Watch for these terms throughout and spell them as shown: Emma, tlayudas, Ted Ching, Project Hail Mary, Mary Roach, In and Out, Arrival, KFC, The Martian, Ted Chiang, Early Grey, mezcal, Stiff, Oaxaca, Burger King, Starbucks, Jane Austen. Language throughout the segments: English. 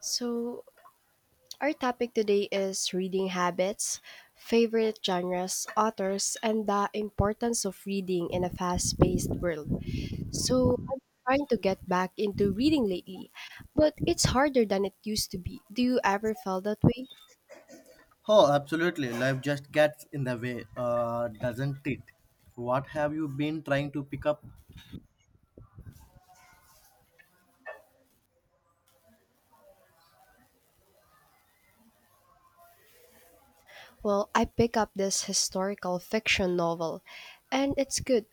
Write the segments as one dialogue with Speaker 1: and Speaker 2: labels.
Speaker 1: So, our topic today is reading habits, favorite genres, authors, and the importance of reading in a fast paced world. So, I'm trying to get back into reading lately, but it's harder than it used to be. Do you ever feel that way?
Speaker 2: Oh, absolutely. Life just gets in the way, doesn't it? What have you been trying to pick up?
Speaker 1: Well, I pick up this historical fiction novel, and it's good.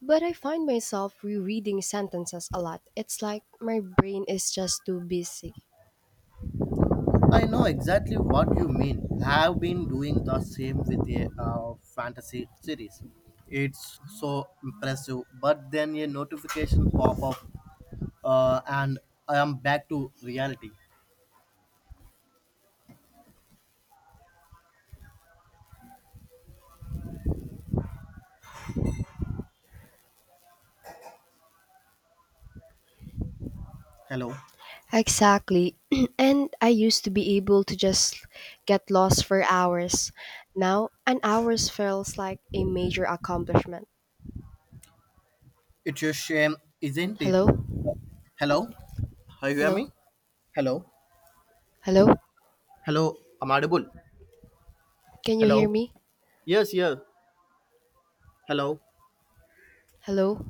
Speaker 1: But I find myself rereading sentences a lot. It's like my brain is just too busy.
Speaker 2: I know exactly what you mean. I've been doing the same with a fantasy series. It's so impressive, but then a notification pop up, and I am back to reality. Hello,
Speaker 1: Exactly. And I used to be able to just get lost for hours. Now, an hour feels like a major accomplishment.
Speaker 2: it's a shame, isn't it?
Speaker 1: Hello?
Speaker 2: Hello, Are you hear
Speaker 1: Hello?
Speaker 2: me? Hello,
Speaker 1: Hello?
Speaker 2: hello, I'm audible.
Speaker 1: Can you hear
Speaker 2: Hello,
Speaker 1: me?
Speaker 2: yes, yes. Hello.
Speaker 1: Hello?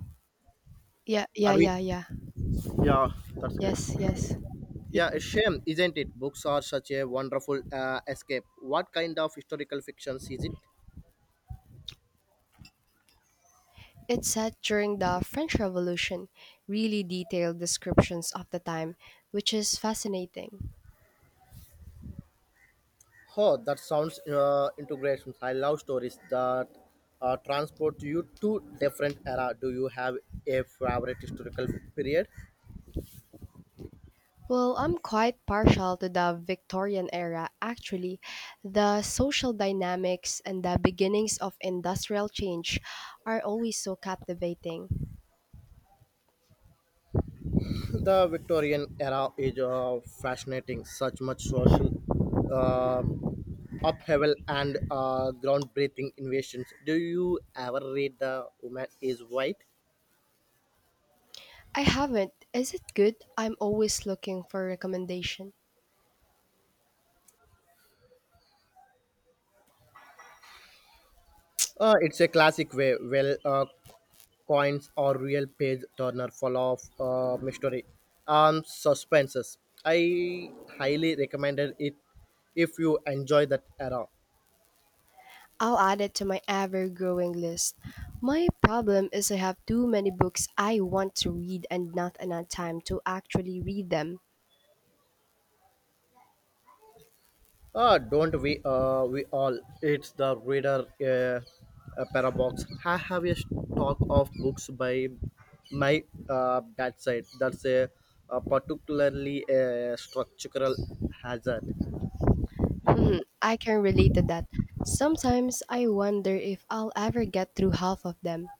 Speaker 1: Yeah,
Speaker 2: I
Speaker 1: yeah,
Speaker 2: mean,
Speaker 1: yeah, yeah.
Speaker 2: yeah, that's great.
Speaker 1: Yes, yes. Yeah.
Speaker 2: Yeah, a shame, isn't it? Books are such a wonderful escape. What kind of historical fictions is it?
Speaker 1: It's set during the French Revolution, really detailed descriptions of the time, which is fascinating.
Speaker 2: Oh, that sounds integrations. I love stories that transport you to different era. Do you have a favorite historical period?
Speaker 1: Well, I'm quite partial to the Victorian era, actually. The social dynamics and the beginnings of industrial change are always so captivating.
Speaker 2: The Victorian era is fascinating. Such much social uh, upheaval and groundbreaking inventions. Do you ever read The Woman Is White?
Speaker 1: I haven't. Is it good? I'm always looking for recommendation.
Speaker 2: It's a classic way. Well, coins or real page turner full of mystery and suspenses. I highly recommended it if you enjoy that era.
Speaker 1: I'll add it to my ever-growing list. My problem is I have too many books I want to read and not enough time to actually read them.
Speaker 2: Don't we? We all. It's the reader a parabox. I have a stock of books by my bedside. That's a particularly a structural hazard.
Speaker 1: Mhm, I can relate to that. Sometimes I wonder if I'll ever get through half of them.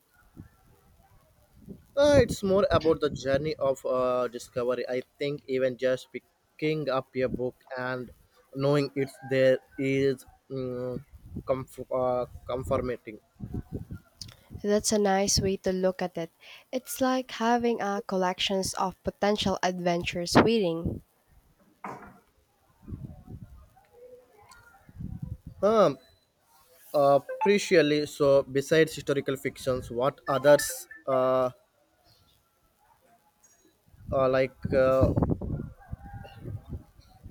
Speaker 2: It's more about the journey of discovery. I think even just picking up a book and knowing it's there is um, comforting.
Speaker 1: So, that's a nice way to look at it. It's like having a collections of potential adventures waiting.
Speaker 2: Um, appreciably so. Besides historical fictions, what others like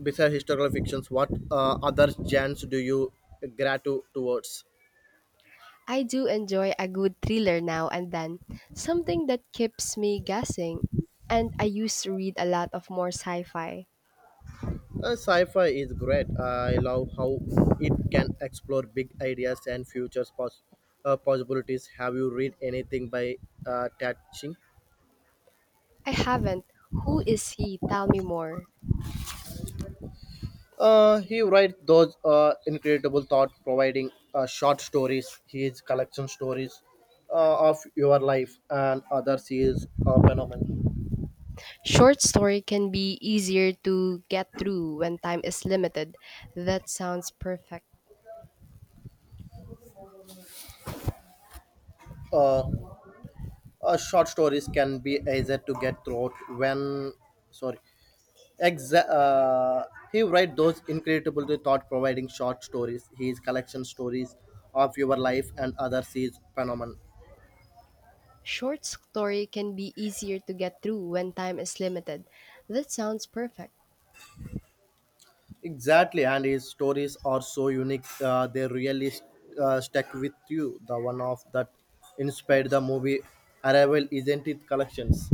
Speaker 2: besides historical fictions, what other genres do you gratitude towards?
Speaker 1: I do enjoy a good thriller now and then, something that keeps me guessing. And I used to read a lot of more sci-fi.
Speaker 2: Sci-fi is great. I love how it can explore big ideas and futures possibilities. Have you read anything by Ted Ching?
Speaker 1: I haven't. Who is he? Tell me more.
Speaker 2: He writes those incredible thought providing short stories. His collection stories of your life and others is a phenomenon.
Speaker 1: Short story can be easier to get through when time is limited. That sounds perfect.
Speaker 2: Uh, short stories can be easier to get through when sorry Exa- uh, he write those incredible thought providing short stories his collection stories of your life and others is phenomenon
Speaker 1: Short story can be easier to get through when time is limited. That sounds perfect.
Speaker 2: exactly, and his stories are so unique, they really stuck with you. The one of that inspired the movie arrival, isn't it collections?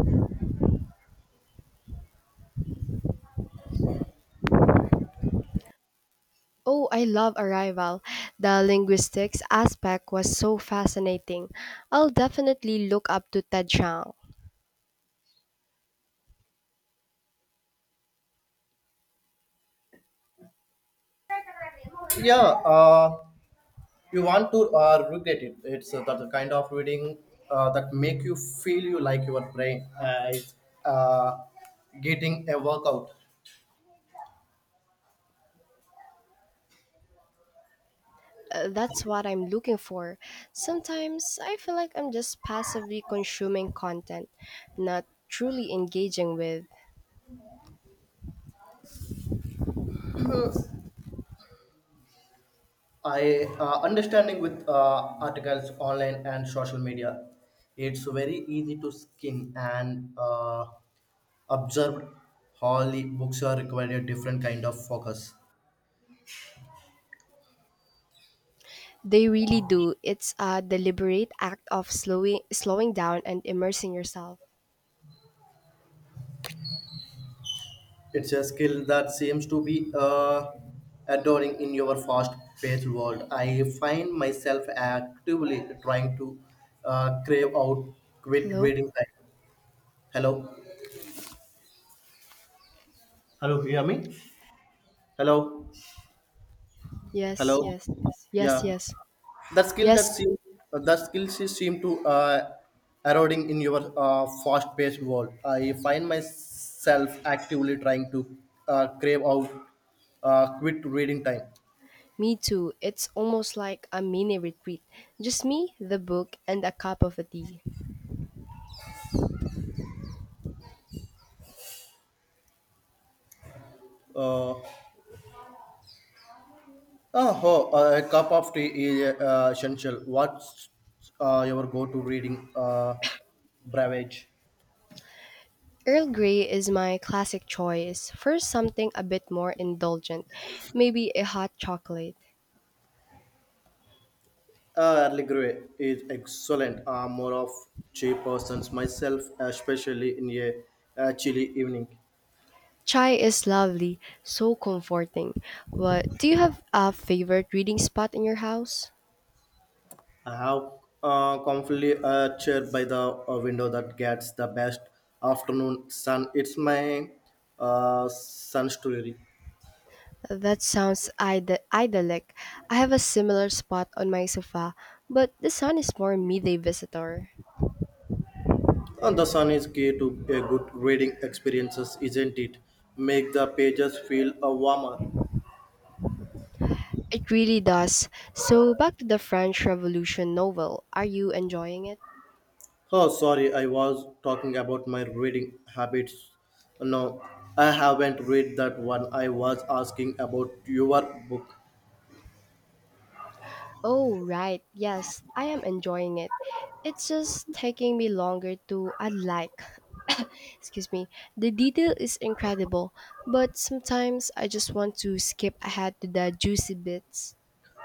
Speaker 1: Oh, I love Arrival. The linguistics aspect was so fascinating. I'll definitely look up to Ted Chiang.
Speaker 2: Yeah, you want to regret it. It's that kind of reading that make you feel you like your brain is uh, getting a workout.
Speaker 1: That's what I'm looking for. Sometimes I feel like I'm just passively consuming content, not truly engaging with.
Speaker 2: I understanding with articles online and social media, it's very easy to skim and observe how the books are required a different kind of focus.
Speaker 1: They really do. It's a deliberate act of slowing down and immersing yourself.
Speaker 2: It's a skill that seems to be adoring in your fast-paced world. I find myself actively trying to crave out quit
Speaker 1: Hello?
Speaker 2: reading time. Hello, hello, you hear me? Hello,
Speaker 1: Yes,
Speaker 2: hello,
Speaker 1: yes, yes. Yes,
Speaker 2: yeah.
Speaker 1: yes.
Speaker 2: that skill that
Speaker 1: Yes.
Speaker 2: seem that skill she seem to eroding in your fast-paced world. I find myself actively trying to crave out quit reading time.
Speaker 1: Me too. It's almost like a mini retreat. Just me, the book, and a cup of tea.
Speaker 2: Uh, oh, oh, a cup of tea is essential. What's your go-to reading beverage?
Speaker 1: Earl Grey is my classic choice. First, something a bit more indulgent, maybe a hot chocolate.
Speaker 2: Early Grey is excellent. I'm more of tea persons myself, especially in a chilly evening.
Speaker 1: Chai is lovely, so comforting. What do you have a favorite reading spot in your house?
Speaker 2: I have comfortably a chair by the window that gets the best afternoon sun. It's my sun story.
Speaker 1: That sounds idyllic. I have a similar spot on my sofa, but the sun is more midday visitor.
Speaker 2: And the sun is key to a good reading experiences, isn't it? Make the pages feel warmer.
Speaker 1: It really does. So, back to the French Revolution novel. Are you enjoying it?
Speaker 2: Oh, sorry, I was talking about my reading habits. No, I haven't read that one. I was asking about your book.
Speaker 1: Oh, right. Yes, I am enjoying it. It's just taking me longer to unlike. Excuse me. The detail is incredible, but sometimes I just want to skip ahead to the juicy bits.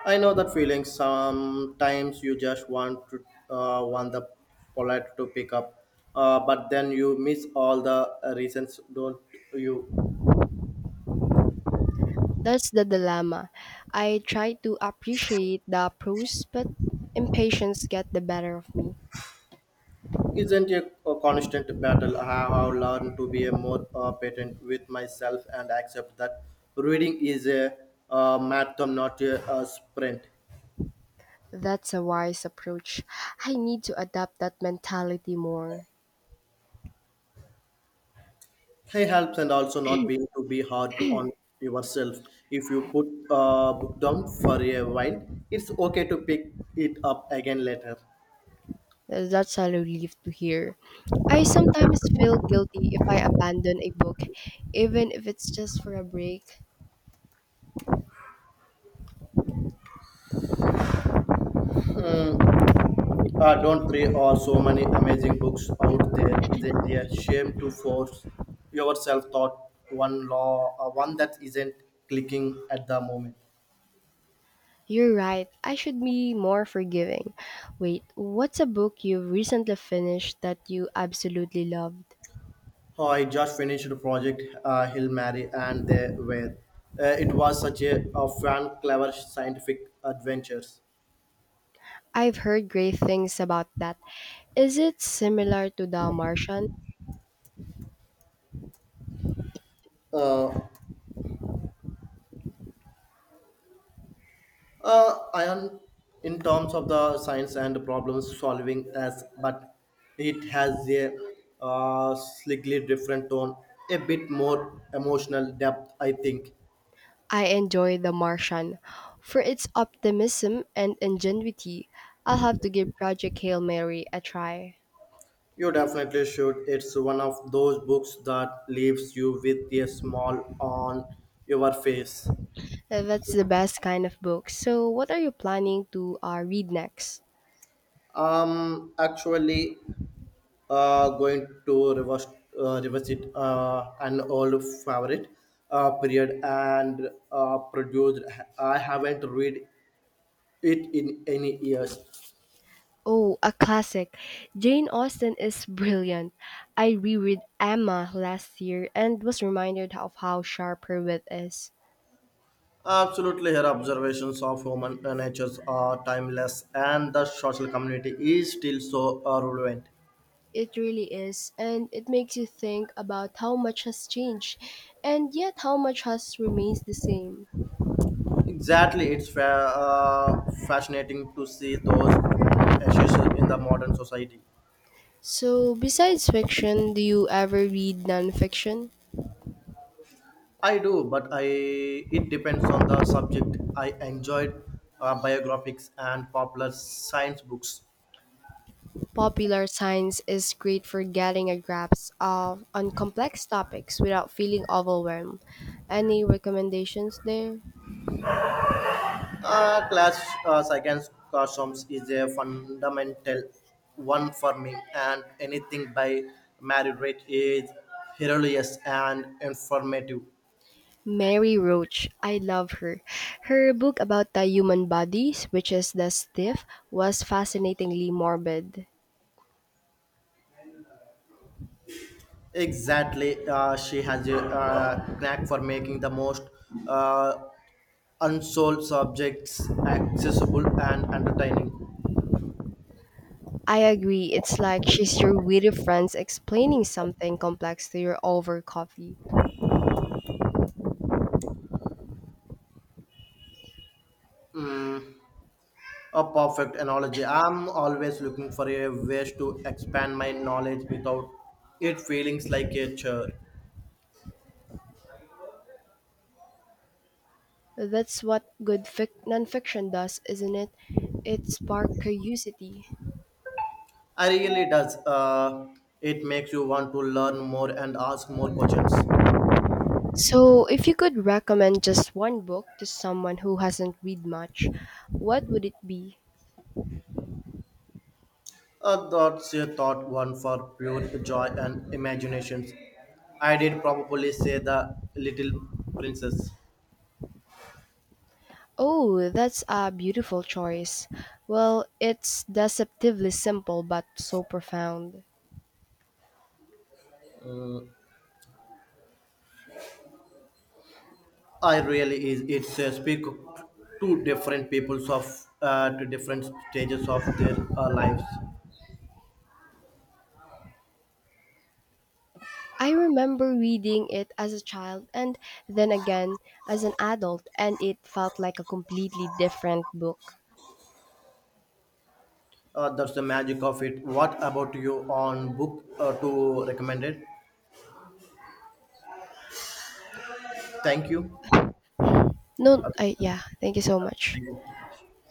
Speaker 2: I know that feeling. Sometimes you just want to want the polite to pick up, but then you miss all the reasons. Don't you?
Speaker 1: That's the dilemma. I try to appreciate the prose, but impatience get the better of me.
Speaker 2: Isn't a constant battle. I have learned to be a more patient with myself and accept that reading is a marathon, not a sprint.
Speaker 1: That's a wise approach. I need to adapt that mentality more.
Speaker 2: Hey, helps and also not being to be hard on yourself. If you put a book down for a while, it's okay to pick it up again later.
Speaker 1: That's a relief to hear. I sometimes feel guilty if I abandon a book, even if it's just for a break.
Speaker 2: Don't three or so many amazing books out there. Isn't it a shame to force yourself thought one law one that isn't clicking at the moment?
Speaker 1: You're right, I should be more forgiving. Wait, what's a book you've recently finished that you absolutely loved?
Speaker 2: Oh, I just finished the project Hill Mary and they were. It was such a fun, clever scientific adventures.
Speaker 1: I've heard great things about that. Is it similar to The Martian?
Speaker 2: Uh, ion in terms of the science and problem solving as, but it has a slightly different tone, a bit more emotional depth, I think.
Speaker 1: I enjoy The Martian for its optimism and ingenuity. I'll have to give Project Hail Mary a try.
Speaker 2: You definitely should. It's one of those books that leaves you with a small on your face.
Speaker 1: That's the best kind of book. So, what are you planning to read next?
Speaker 2: Actually, going to reverse reverse it an old favorite period and produced. I haven't read it in any years.
Speaker 1: Oh, a classic. Jane Austen is brilliant. I reread Emma last year and was reminded of how sharp her wit is.
Speaker 2: Absolutely, her observations of human natures are timeless, and the social community is still so relevant.
Speaker 1: It really is, and it makes you think about how much has changed, and yet how much has remains the same.
Speaker 2: Exactly, it's fascinating to see those issues in the modern society.
Speaker 1: So, besides fiction, do you ever read nonfiction?
Speaker 2: I do, but I it depends on the subject. I enjoyed biographies and popular science books.
Speaker 1: Popular science is great for getting a grasp of on complex topics without feeling overwhelmed. Any recommendations there?
Speaker 2: Class science costumes is a fundamental one for me, and anything by Mary Read is hilarious and informative.
Speaker 1: Mary Roach, I love her. Her book about the human bodies, which is the stiff, was fascinatingly morbid.
Speaker 2: Exactly, she has a knack for making the most uh, unsolved subjects accessible and entertaining.
Speaker 1: I agree, it's like she's your witty friends explaining something complex to your over coffee.
Speaker 2: Mm, A perfect analogy. I'm always looking for a ways to expand my knowledge without it feeling like a chore.
Speaker 1: That's what good nonfiction does, isn't it? It sparks curiosity.
Speaker 2: I really does. It makes you want to learn more and ask more questions.
Speaker 1: So, if you could recommend just one book to someone who hasn't read much, what would it be?
Speaker 2: That's a thought one for pure joy and imaginations. I did probably say the little princess.
Speaker 1: Oh, that's a beautiful choice. Well, it's deceptively simple but so profound.
Speaker 2: I really is. It's speak to different peoples of to different stages of their lives.
Speaker 1: I remember reading it as a child and then again as an adult, and it felt like a completely different book.
Speaker 2: That's the magic of it. What about you on book to recommended? Thank you.
Speaker 1: No, I, yeah, thank you so much.
Speaker 2: Thank you.